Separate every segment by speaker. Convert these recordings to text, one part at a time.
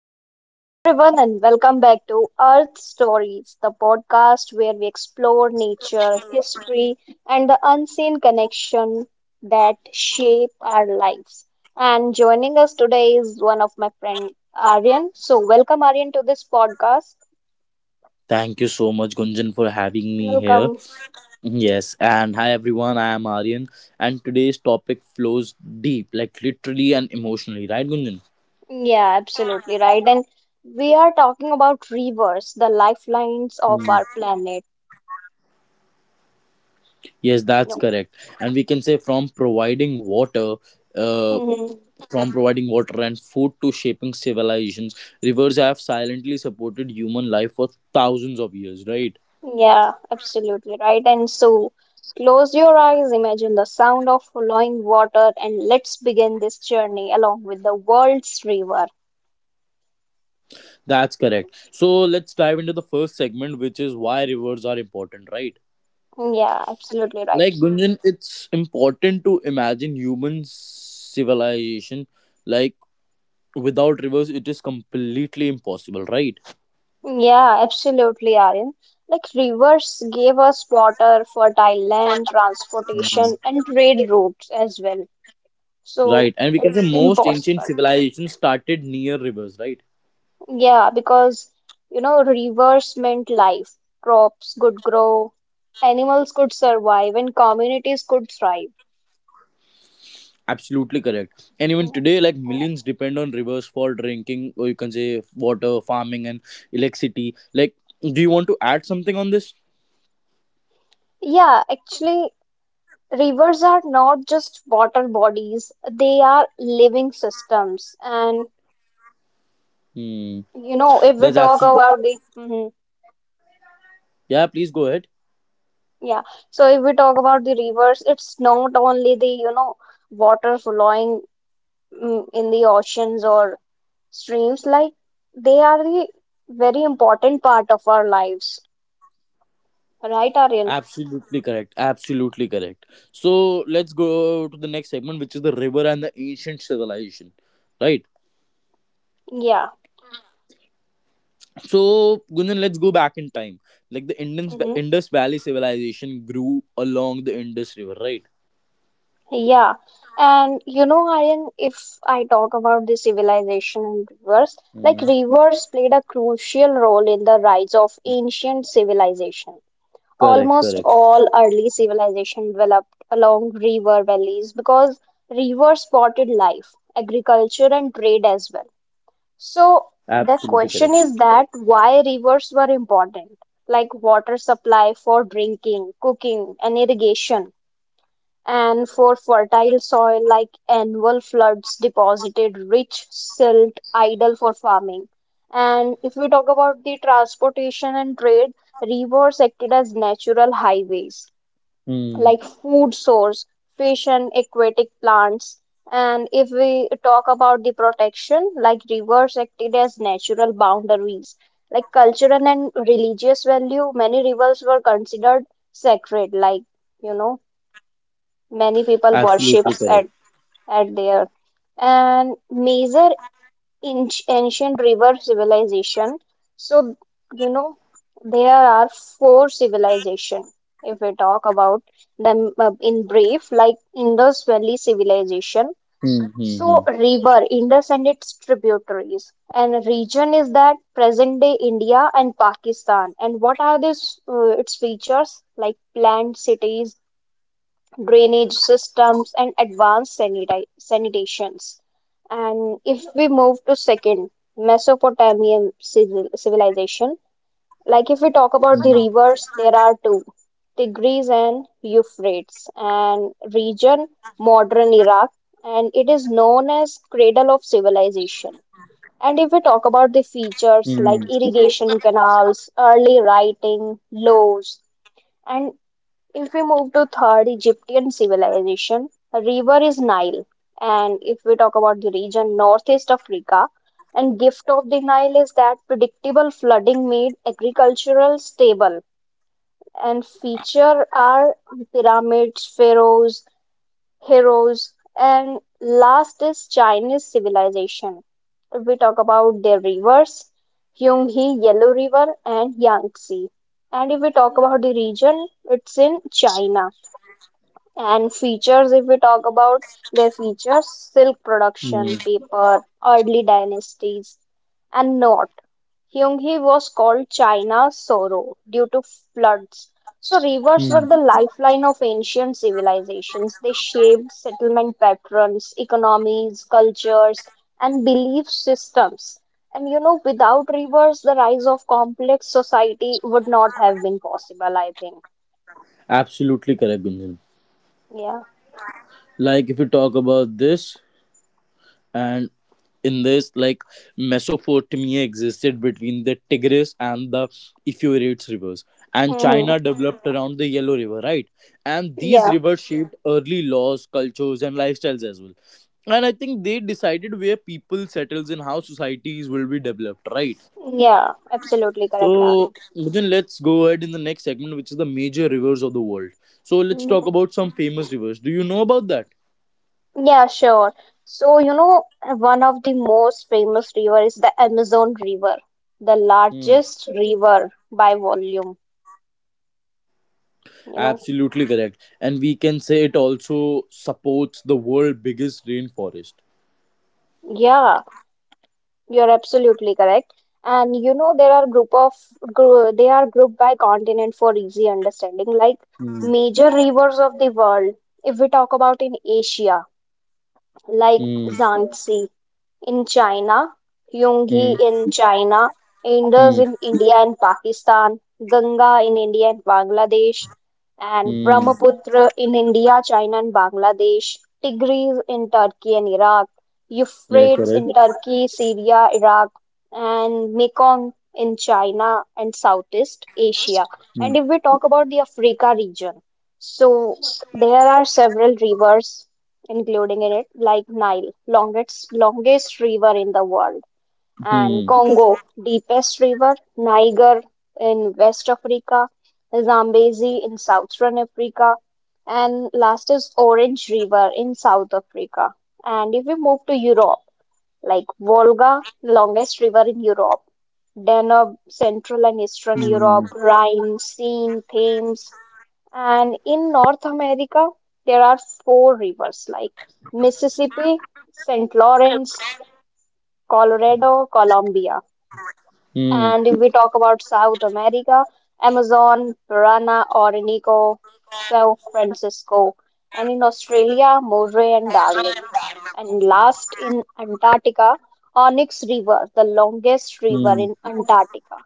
Speaker 1: So, hello everyone, and welcome back to Earth Stories, the podcast where we explore nature, history, and the unseen connection that shape our lives. And joining us today is one of my friend Aryan. So, welcome Aryan to this podcast.
Speaker 2: Thank you so much, Gunjan, for having me here.
Speaker 1: Welcome.
Speaker 2: Yes, and hi everyone, I am Aryan, and today's topic flows deep, like literally and emotionally, right, Gunjan?
Speaker 1: Yeah, absolutely right. And we are talking about rivers, the lifelines of
Speaker 2: Hmm,
Speaker 1: our planet.
Speaker 2: yes, that's
Speaker 1: No.
Speaker 2: correct. And we can say from providing water, uh, from providing water and food to shaping civilizations, rivers have silently supported human life for thousands of years, right?
Speaker 1: Yeah, absolutely right. And so close your eyes, imagine the sound of flowing water, and let's begin this journey along with the world's river.
Speaker 2: That's correct. So let's dive into the first segment, which is why rivers are important, right?
Speaker 1: Yeah, absolutely right.
Speaker 2: Like Gunjan, it's important to imagine human civilization, like without rivers it is completely impossible, right?
Speaker 1: Yeah, absolutely, Aryan. Like rivers gave us water, fertile land, transportation, and trade routes as well. So
Speaker 2: Right, and we can say
Speaker 1: it's
Speaker 2: most ancient
Speaker 1: impossible.
Speaker 2: civilizations started near rivers, right?
Speaker 1: Yeah, because, you know, rivers meant life, crops could grow, animals could survive, and communities could thrive.
Speaker 2: Absolutely correct. And even today, like millions depend on rivers for drinking, or you can say water, farming, and electricity. Like, do you want to add something on this?
Speaker 1: Yeah, actually, rivers are not just water bodies, they are living systems. And
Speaker 2: hmm.
Speaker 1: you know, if we
Speaker 2: that's
Speaker 1: talk
Speaker 2: absolutely
Speaker 1: about the Mhm.
Speaker 2: yeah, please go ahead.
Speaker 1: yeah, so if we talk about the rivers, it's not only the water flowing in the oceans or streams, like they are the very important part of our lives, right Aryan?
Speaker 2: Absolutely correct. Absolutely correct. So let's go to the next segment, which is the river and the ancient civilization, right?
Speaker 1: Yeah.
Speaker 2: So Gunjan, let's go back in time. Like the Indus
Speaker 1: Hmm.
Speaker 2: Indus Valley civilization grew along the Indus River, right?
Speaker 1: Yeah, and you know Aryan, if I talk about the civilization and rivers,
Speaker 2: Hmm.
Speaker 1: like rivers played a crucial role in the rise of ancient civilization.
Speaker 2: Correct.
Speaker 1: Almost
Speaker 2: Correct.
Speaker 1: all early civilization developed along river valleys because rivers supported life, agriculture, and trade as well. So the
Speaker 2: Absolutely
Speaker 1: question
Speaker 2: correct.
Speaker 1: is that why rivers were important, like water supply for drinking, cooking, and irrigation, and for fertile soil, like annual floods deposited rich silt ideal for farming. And if we talk about the transportation and trade, rivers acted as natural highways,
Speaker 2: Hmm.
Speaker 1: like food source, fish and aquatic plants. And if we talk about the protection, like rivers acted as natural boundaries, like cultural and religious value, many rivers were considered sacred, like, you know, many people
Speaker 2: Absolutely
Speaker 1: worships
Speaker 2: correct.
Speaker 1: at there. And major in ancient river civilization. So, you know, there are four civilization. If we talk about them in brief, like Indus Valley civilization.
Speaker 2: Hmm. Hmm.
Speaker 1: So,
Speaker 2: Hmm.
Speaker 1: river, Indus and its tributaries, and region is that present day India and Pakistan. And what are these, its features like planned cities, drainage systems, and advanced sanitations. And if we move to second, Mesopotamian civilization, like if we talk about the rivers, there are two, Tigris and Euphrates, and region modern Iraq, and it is known as cradle of civilization. And if we talk about the features like irrigation canals, early writing, laws, and if we move to third Egyptian civilization, a river is Nile. And if we talk about the region northeast Africa, and gift of the Nile is that predictable flooding made agricultural stable. And feature are pyramids, pharaohs, heroes, and last is Chinese civilization. If we talk about their rivers, Yangtze, Yellow River, and Yangtze. And if we talk about the region, it's in China. And features, if we talk about their features, silk
Speaker 2: Hmm.
Speaker 1: production,
Speaker 2: Hmm.
Speaker 1: paper, early dynasties, and not. Heunghe was called China's sorrow due to floods. So rivers were
Speaker 2: Hmm.
Speaker 1: the lifeline of ancient civilizations. They shaped settlement patterns, economies, cultures, and belief systems. And you know, without rivers, the rise of complex society would not have been possible, I think.
Speaker 2: Absolutely correct, Gunjan.
Speaker 1: Yeah.
Speaker 2: Like if you talk about this, and in this, like Mesopotamia existed between the Tigris and the Euphrates rivers, and China
Speaker 1: Hmm.
Speaker 2: developed around the Yellow River, right? And these
Speaker 1: Yeah.
Speaker 2: rivers shaped early laws, cultures, and lifestyles as well. And I think they decided where people settles and how societies will be developed, right?
Speaker 1: Yeah, absolutely correct,
Speaker 2: So
Speaker 1: Arvind.
Speaker 2: then let's go ahead in the next segment, which is the major rivers of the world. So let's talk
Speaker 1: Mhm.
Speaker 2: about some famous rivers. Do you know about that?
Speaker 1: Yeah, sure. So, you know, one of the most famous river is the Amazon River, the
Speaker 2: Hmm.
Speaker 1: largest river by volume, you know.
Speaker 2: Absolutely correct. And we can say it also supports the world biggest rainforest.
Speaker 1: Yeah, you're absolutely correct. And you know, there are group of gr they are grouped by continent for easy understanding, like
Speaker 2: Hmm.
Speaker 1: major rivers of the world. If we talk about in Asia, like
Speaker 2: Hmm.
Speaker 1: Yangtze, in China, Yungi
Speaker 2: Hmm.
Speaker 1: in China, Indus
Speaker 2: Hmm.
Speaker 1: in India and Pakistan, Ganga in India and Bangladesh, and
Speaker 2: Hmm.
Speaker 1: Brahmaputra in India, China, and Bangladesh, Tigris in Turkey and Iraq,
Speaker 2: Yeah,
Speaker 1: Euphrates
Speaker 2: correct.
Speaker 1: in Turkey, Syria, Iraq, and Mekong in China and Southeast Asia.
Speaker 2: Hmm.
Speaker 1: And if we talk about the Africa region, so there are several rivers including in it, like Nile, longest river in the world, and
Speaker 2: Hmm.
Speaker 1: Congo, deepest river, Niger in West Africa, Zambezi in Southern Africa, and last is Orange River in South Africa. And if we move to Europe, like Volga, longest river in Europe, Danube, Central and Eastern
Speaker 2: Hmm.
Speaker 1: Europe, Rhine, Seine, Thames, and in North America, there are four rivers like Mississippi, St. Lawrence, Colorado, Columbia.
Speaker 2: Hmm.
Speaker 1: And if we talk about South America, Amazon, Parana, Orinoco, São Francisco. And in Australia, Moray and Darling. And last in Antarctica, Onyx River, the longest river
Speaker 2: Hmm.
Speaker 1: in Antarctica.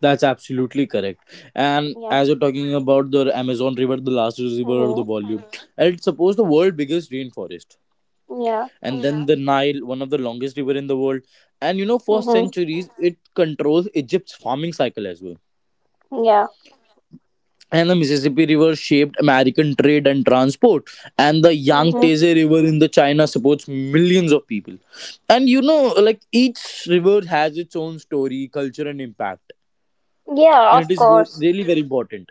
Speaker 2: That's absolutely correct. And
Speaker 1: Yeah.
Speaker 2: as you're talking about the Amazon River, the largest river of the
Speaker 1: Hmm.
Speaker 2: volume, and it supports the world biggest rainforest.
Speaker 1: Yeah.
Speaker 2: And then the Nile, one of the longest river in the world. And you know, for
Speaker 1: Hmm.
Speaker 2: centuries, it controls Egypt's farming cycle as well.
Speaker 1: Yeah.
Speaker 2: And the Mississippi River shaped American trade and transport, and the
Speaker 1: Hmm.
Speaker 2: Yangtze River in the China supports millions of people. And you know, like each river has its own story, culture, and impact,
Speaker 1: Yeah,
Speaker 2: and it
Speaker 1: of
Speaker 2: is really
Speaker 1: course.
Speaker 2: very important.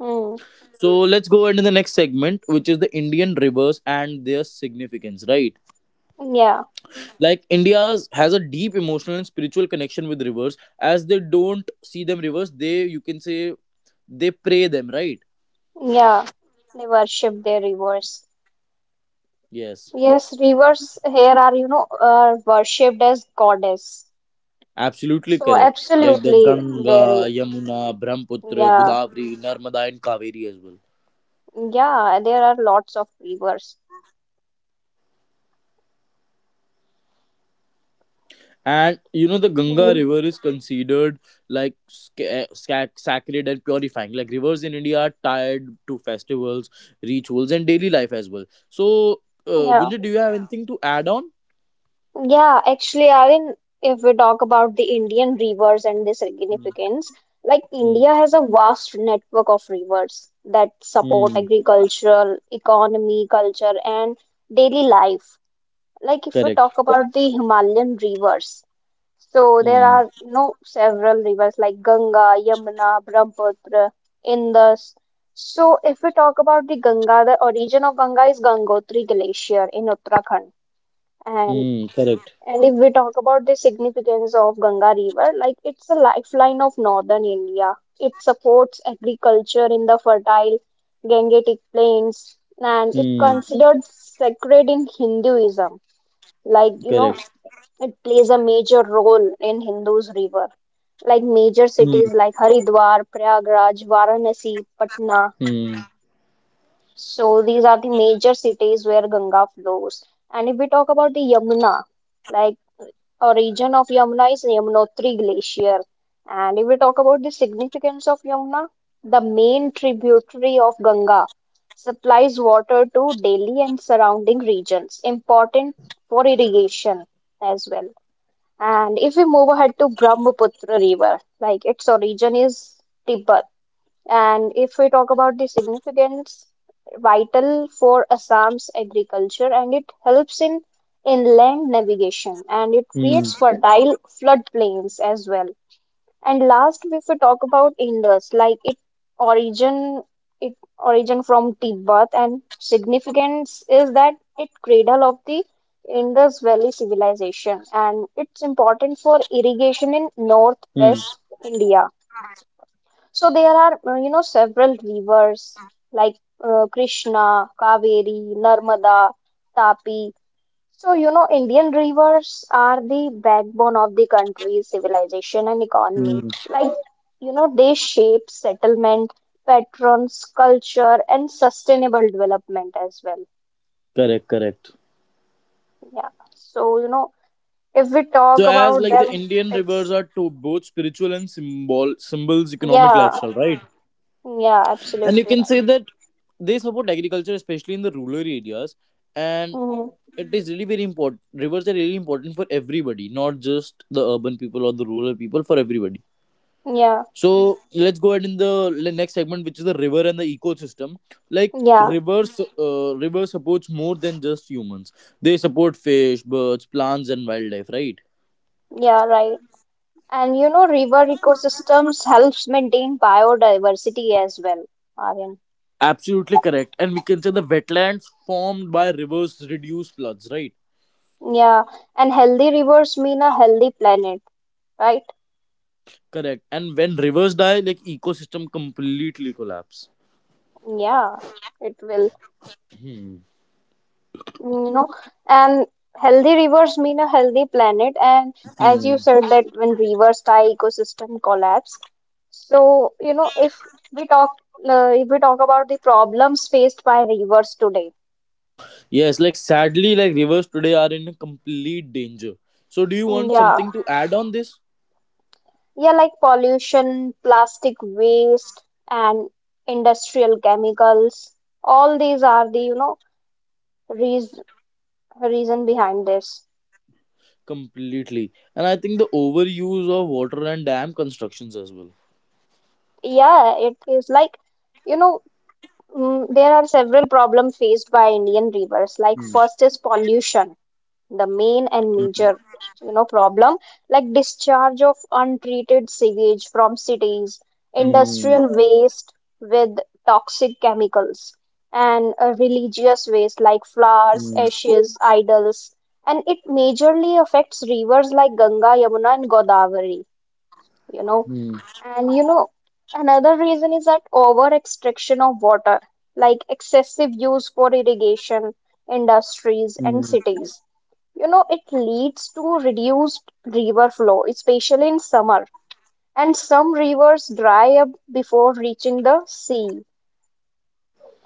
Speaker 1: Mm,
Speaker 2: So let's go into the next segment, which is the Indian rivers and their significance, right?
Speaker 1: yeah,
Speaker 2: Like India's has a deep emotional and spiritual connection with rivers, as they don't see them rivers, they you can say they pray them, right?
Speaker 1: yeah. They worship their rivers.
Speaker 2: Yes.
Speaker 1: Yes, rivers here are, you know, are worshipped as goddess.
Speaker 2: Absolutely
Speaker 1: So
Speaker 2: correct. Like the
Speaker 1: absolutely, there
Speaker 2: Ganga,
Speaker 1: is.
Speaker 2: Yamuna, Brahmaputra,
Speaker 1: Yeah,
Speaker 2: Godavari, Narmada, and Kaveri as well.
Speaker 1: yeah. There are lots of rivers.
Speaker 2: And you know the Ganga
Speaker 1: Mm,
Speaker 2: River is considered like sacred and purifying. Like rivers in India are tied to festivals, rituals, and daily life as well. So,
Speaker 1: yeah,
Speaker 2: Gunja, do you have anything to add on?
Speaker 1: yeah. Actually, I think if we talk about the Indian rivers and their
Speaker 2: Hmm.
Speaker 1: significance, like
Speaker 2: Hmm.
Speaker 1: India has a vast network of rivers that support
Speaker 2: Hmm.
Speaker 1: agricultural, economy, culture, and daily life. Like if we
Speaker 2: Correct.
Speaker 1: talk about the Himalayan rivers, so there
Speaker 2: Hmm.
Speaker 1: are, you know, several rivers like Ganga, Yamuna, Brahmaputra, Indus. So if we talk about the Ganga, the origin of Ganga is Gangotri Glacier in Uttarakhand, and
Speaker 2: Hmm. Correct.
Speaker 1: and if we talk about the significance of Ganga River, like it's a lifeline of northern India. It supports agriculture in the fertile Gangetic plains, and it
Speaker 2: Hmm.
Speaker 1: considered sacred in Hinduism, like you know,
Speaker 2: Correct.
Speaker 1: it plays a major role in Hindu's river, like major
Speaker 2: Hmm.
Speaker 1: cities like Haridwar, Prayagraj, Varanasi, Patna.
Speaker 2: Hmm.
Speaker 1: So these are the major cities where Ganga flows. And if we talk about the Yamuna, like origin of Yamuna is Yamunotri glacier. And if we talk about the significance of Yamuna, the main tributary of Ganga supplies water to Delhi and surrounding regions, important for irrigation as well. And if we move ahead to Brahmaputra River, like its origin is Tibet. And if we talk about the significance, vital for Assam's agriculture and it helps in inland navigation and it
Speaker 2: Hmm.
Speaker 1: creates fertile floodplains as well. And last, if we talk about Indus, like origin, it origin from Tibet, and significance is that it cradle of the Indus Valley civilization, and it's important for irrigation in
Speaker 2: Hmm.
Speaker 1: northwest India. So there are, you know, several rivers like Krishna, Kaveri, Narmada, Tapi, so, you know, Indian rivers are the backbone of the country's civilization and economy.
Speaker 2: Hmm.
Speaker 1: Like, you know, they shape settlement, patrons, culture, and sustainable development as well.
Speaker 2: Correct. Correct.
Speaker 1: Yeah. So, you know, if we
Speaker 2: So
Speaker 1: talk
Speaker 2: as
Speaker 1: about
Speaker 2: like the
Speaker 1: them,
Speaker 2: Indian rivers
Speaker 1: it's,
Speaker 2: are to both spiritual and symbols economic
Speaker 1: yeah,
Speaker 2: lifestyle, right?
Speaker 1: yeah,
Speaker 2: And you
Speaker 1: absolutely
Speaker 2: can
Speaker 1: right.
Speaker 2: say that they support agriculture, especially in the rural areas, and
Speaker 1: Mhm.
Speaker 2: it is really very important. Rivers are really important for everybody, not just the urban people or the rural people, for everybody.
Speaker 1: Yeah,
Speaker 2: So let's go ahead in the next segment, which is the river and the ecosystem. Like
Speaker 1: yeah,
Speaker 2: rivers, river supports more than just humans. They support fish, birds, plants, and wildlife, right?
Speaker 1: yeah, right. And, you know, river ecosystems helps maintain biodiversity as well, Aryan.
Speaker 2: Absolutely correct. And we can say the wetlands formed by rivers reduce floods, right?
Speaker 1: Yeah, and healthy rivers mean a healthy planet, right?
Speaker 2: Correct. And when rivers die, like ecosystem completely collapse.
Speaker 1: Yeah, it will,
Speaker 2: Hmm.
Speaker 1: you know. And healthy rivers mean a healthy planet. And as you
Speaker 2: Hmm.
Speaker 1: said that when rivers die, ecosystem collapse. So, you know, we talk, if we talk about the problems faced by rivers today,
Speaker 2: Yes, like sadly, like rivers today are in a complete danger. So, do you want
Speaker 1: yeah,
Speaker 2: something to add on this?
Speaker 1: yeah, like pollution, plastic waste, and industrial chemicals, all these are the, you know, reas reason behind this.
Speaker 2: Completely. And I think the overuse of water and dam constructions as well.
Speaker 1: Yeah, it is like, you know, there are several problems faced by Indian rivers. Like,
Speaker 2: Hmm.
Speaker 1: first is pollution, the main and
Speaker 2: Hmm.
Speaker 1: major, you know, problem, like discharge of untreated sewage from cities,
Speaker 2: Hmm.
Speaker 1: industrial waste with toxic chemicals, and religious waste like flowers,
Speaker 2: Hmm.
Speaker 1: ashes, idols, and it majorly affects rivers like Ganga, Yamuna, and Godavari, you know.
Speaker 2: Hmm.
Speaker 1: And you know, another reason is that over extraction of water, like excessive use for irrigation, industries, and
Speaker 2: Hmm.
Speaker 1: cities. You know, it leads to reduced river flow, especially in summer. And some rivers dry up before reaching the sea.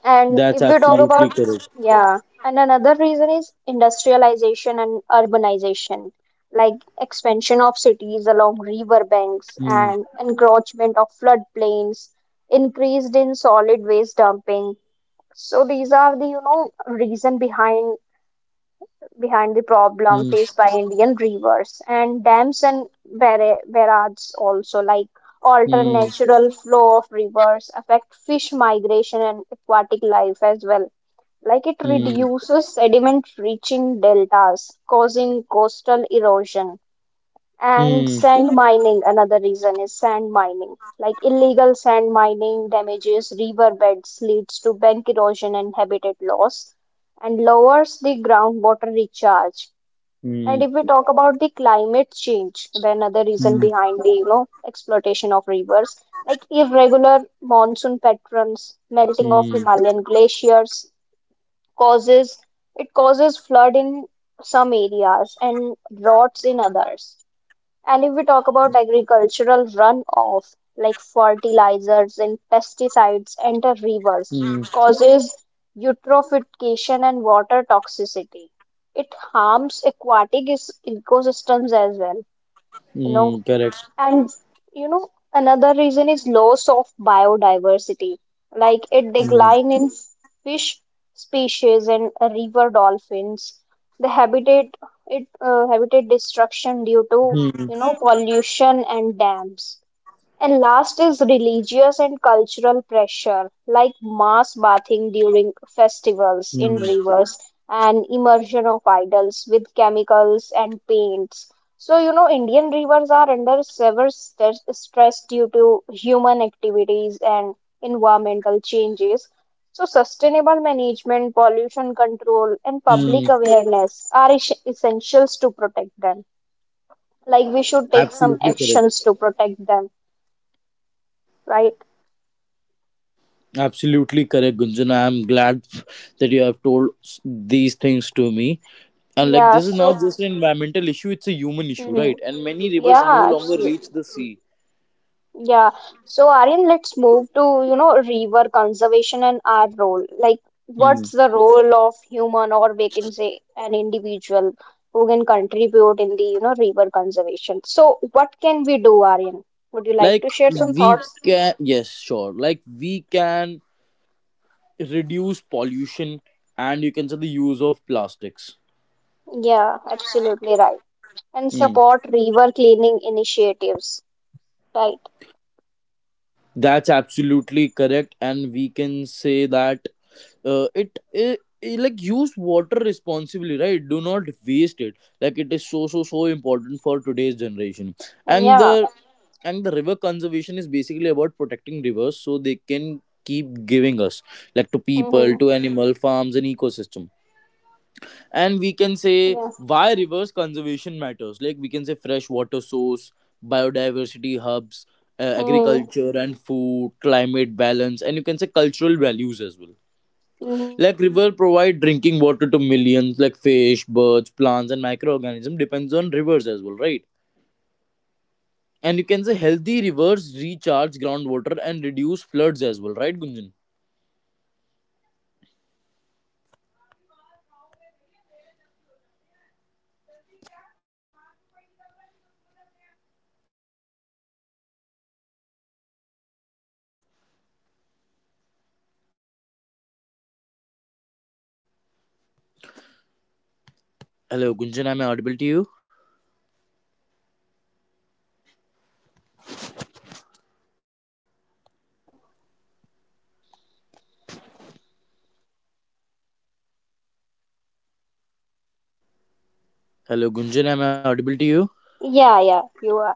Speaker 1: And
Speaker 2: That's
Speaker 1: if we talk
Speaker 2: absolutely
Speaker 1: about,
Speaker 2: correct.
Speaker 1: yeah, and another reason is industrialization and urbanization, like expansion of cities along river banks
Speaker 2: Hmm.
Speaker 1: and encroachment of floodplains, increased in solid waste dumping. So these are the, you know, reason behind the problem
Speaker 2: Hmm.
Speaker 1: faced by Indian rivers and dams and barrages also, like alter
Speaker 2: Hmm.
Speaker 1: natural flow of rivers, affect fish migration and aquatic life as well, like it
Speaker 2: Hmm.
Speaker 1: reduces sediment reaching deltas, causing coastal erosion. And
Speaker 2: Hmm.
Speaker 1: sand mining, another reason is sand mining. Like illegal sand mining damages river beds, leads to bank erosion and habitat loss, and lowers the groundwater recharge. And
Speaker 2: Mm,
Speaker 1: if we talk about the climate change, the another reason
Speaker 2: mm,
Speaker 1: behind the you know exploitation of rivers, like irregular monsoon patterns, melting of
Speaker 2: mm,
Speaker 1: Himalayan glaciers, causes it causes flood in some areas and droughts in others. And if we talk about agricultural runoff, like fertilizers and pesticides enter rivers,
Speaker 2: mm,
Speaker 1: causes eutrophication and water toxicity. It harms aquatic ecosystems as well. You know,
Speaker 2: mm, correct.
Speaker 1: and you know, another reason is loss of biodiversity, like a
Speaker 2: Mm,
Speaker 1: decline in fish species and river dolphins. The habitat destruction due to
Speaker 2: mm,
Speaker 1: you know pollution and dams. And last is religious and cultural pressure, like mass bathing during festivals in
Speaker 2: mm,
Speaker 1: rivers and immersion of idols with chemicals and paints. So, you know, Indian rivers are under severe stress due to human activities and environmental changes. So, sustainable management, pollution control, and public
Speaker 2: mm.
Speaker 1: awareness are essentials to protect them. Like, we should take some
Speaker 2: Absolutely correct.
Speaker 1: actions to protect them, right?
Speaker 2: Absolutely correct, Gunjan. I am glad that you have told these things to me. And like,
Speaker 1: Yeah,
Speaker 2: this is
Speaker 1: so
Speaker 2: not just an environmental issue; it's a human issue,
Speaker 1: mhm.
Speaker 2: right? And many rivers no
Speaker 1: Yeah,
Speaker 2: longer
Speaker 1: absolutely.
Speaker 2: reach the sea.
Speaker 1: Yeah. So Aryan, let's move to, you know, river conservation and our role. Like, what's
Speaker 2: Mm.
Speaker 1: the role of human or we can say an individual who can contribute in the, you know, river conservation? So what can we do, Aryan? Would you like
Speaker 2: Like
Speaker 1: to share some
Speaker 2: we
Speaker 1: thoughts?
Speaker 2: can, yes, sure. Like we can reduce pollution, and you can say the use of plastics.
Speaker 1: Yeah, absolutely right. And
Speaker 2: Mm.
Speaker 1: support river cleaning initiatives, right?
Speaker 2: That's absolutely correct, and we can say that it like use water responsibly, right? Do not waste it. Like it is so so so important for today's generation, and
Speaker 1: Yeah.
Speaker 2: the river conservation is basically about protecting rivers so they can keep giving us, like to people, to
Speaker 1: Mm-hmm.
Speaker 2: animal farms and ecosystem. And we can say
Speaker 1: Yeah.
Speaker 2: why reverse conservation matters, like we can say fresh water source, biodiversity hubs,
Speaker 1: Mm-hmm.
Speaker 2: agriculture and food, climate balance, and you can say cultural values as well.
Speaker 1: Mm-hmm.
Speaker 2: Like river provide drinking water to millions, like fish, birds, plants, and microorganisms depends on rivers as well, right? And you can say healthy rivers recharge groundwater and reduce floods as well, right Gunjan? Hello Gunjan, am I audible to you? Hello Gunjan, am I audible to you?
Speaker 1: Yeah, yeah, you are.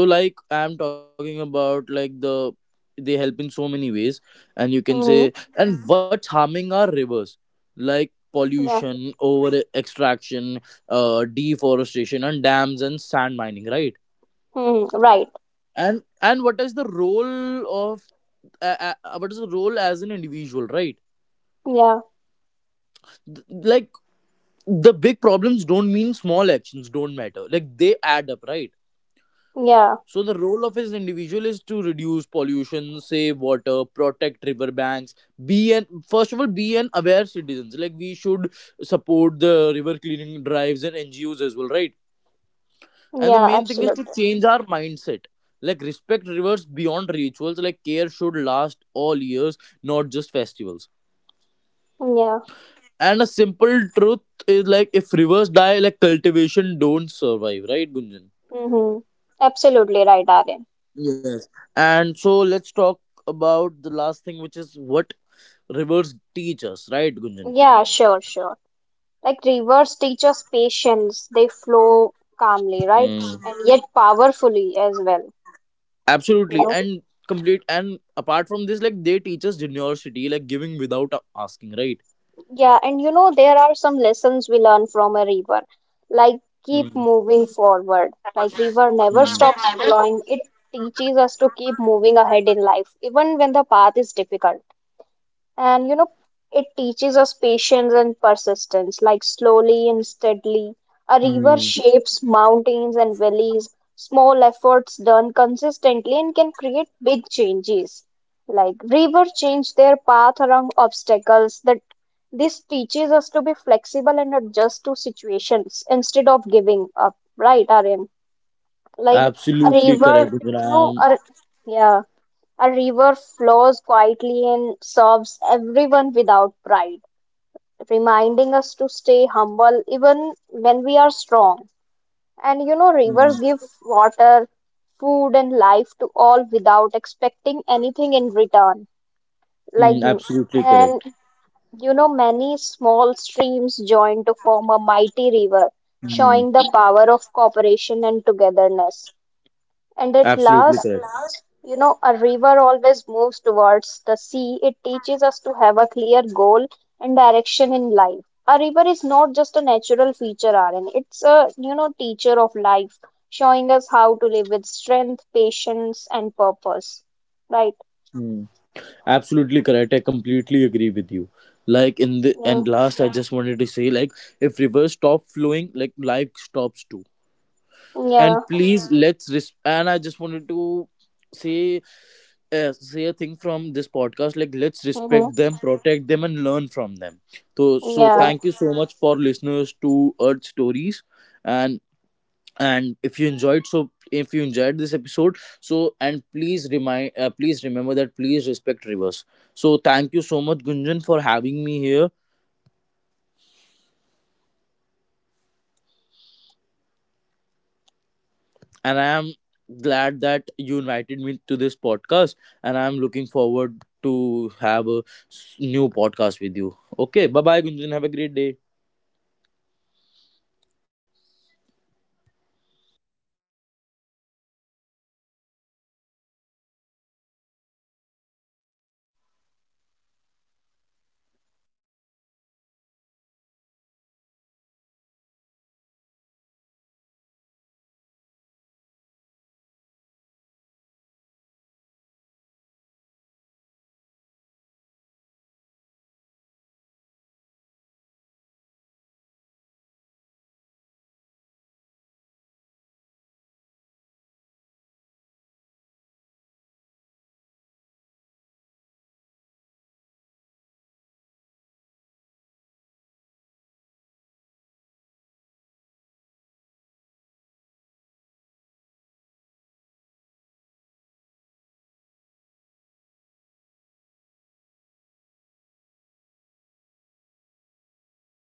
Speaker 2: So like I'm talking about like the they help in so many ways. And you can
Speaker 1: Mm-hmm.
Speaker 2: say, and what's harming our rivers, like
Speaker 1: Yeah.
Speaker 2: pollution, over extraction, deforestation and dams and sand mining, right?
Speaker 1: Mm-hmm. Right.
Speaker 2: And what is the role of what is the role as an individual, right?
Speaker 1: Yeah.
Speaker 2: Like the big problems don't mean small actions don't matter. Like they add up, right?
Speaker 1: Yeah.
Speaker 2: So the role of an individual is to reduce pollution, save water, protect riverbanks, be an first of all be an aware citizens. Like we should support the river cleaning drives and NGOs as well, right? And the
Speaker 1: Yeah,
Speaker 2: main thing is to
Speaker 1: absolutely.
Speaker 2: change our mindset. Like respect rivers beyond rituals, like care should last all years, not just festivals.
Speaker 1: Yeah.
Speaker 2: And a simple truth is like if rivers die, like cultivation don't survive, right, Gunjan?
Speaker 1: Mm-hmm. Absolutely right, Aryan.
Speaker 2: And so let's talk about the last thing, which is what reverse teachers, right, Gunjan?
Speaker 1: Yeah, sure, sure. Like rivers teach us patience. They flow calmly, right?
Speaker 2: Mm.
Speaker 1: And yet powerfully as well. You
Speaker 2: Absolutely,
Speaker 1: know.
Speaker 2: and complete. And apart from this, like they teach us generosity, like giving without asking, right?
Speaker 1: Yeah, and you know there are some lessons we learn from a river. Like keep
Speaker 2: Mm.
Speaker 1: moving forward. Like river never stops
Speaker 2: Mm.
Speaker 1: flowing. It teaches us to keep moving ahead in life, even when the path is difficult. And you know, it teaches us patience and persistence, like slowly and steadily. A river
Speaker 2: Mm.
Speaker 1: shapes mountains and valleys. Small efforts done consistently and can create big changes. Like river change their path around obstacles. That this teaches us to be flexible and adjust to situations instead of giving up. Right, Aryan? Like a
Speaker 2: Absolutely
Speaker 1: river,
Speaker 2: correct,
Speaker 1: you know,
Speaker 2: Gunjan.
Speaker 1: a, yeah. A river flows quietly and serves everyone without pride, reminding us to stay humble even when we are strong. And you know,
Speaker 2: I
Speaker 1: rivers
Speaker 2: mm.
Speaker 1: give water, food, and life to all without expecting anything in return. Like,
Speaker 2: Mm. Absolutely
Speaker 1: and
Speaker 2: correct.
Speaker 1: you know, many small streams join to form a mighty river, showing
Speaker 2: Mm.
Speaker 1: the power of cooperation and togetherness. And at
Speaker 2: Absolutely
Speaker 1: last,
Speaker 2: correct.
Speaker 1: you know, a river always moves towards the sea. It teaches us to have a clear goal and direction in life. A river is not just a natural feature, Aaron. It's a, you know, teacher of life, showing us how to live with strength, patience, and purpose. Right?
Speaker 2: Mm. Absolutely correct. I completely agree with you. Like in the
Speaker 1: Yeah.
Speaker 2: and last, I just wanted to say, like if rivers stop flowing, like life stops too. And
Speaker 1: Yeah.
Speaker 2: please let's res- and I just wanted to say say a thing from this podcast, like let's respect
Speaker 1: Mm-hmm.
Speaker 2: them, protect them, and learn from them. So so
Speaker 1: Yeah.
Speaker 2: thank you so much for listeners to Earth Stories. and and if you enjoyed, so if you enjoyed this episode, so and please remind, please remember that please respect rivers. So thank you so much Gunjan for having me here, and I am glad that you invited me to this podcast, and I'm looking forward to have a new podcast with you. Okay, bye bye Gunjan, have a great day.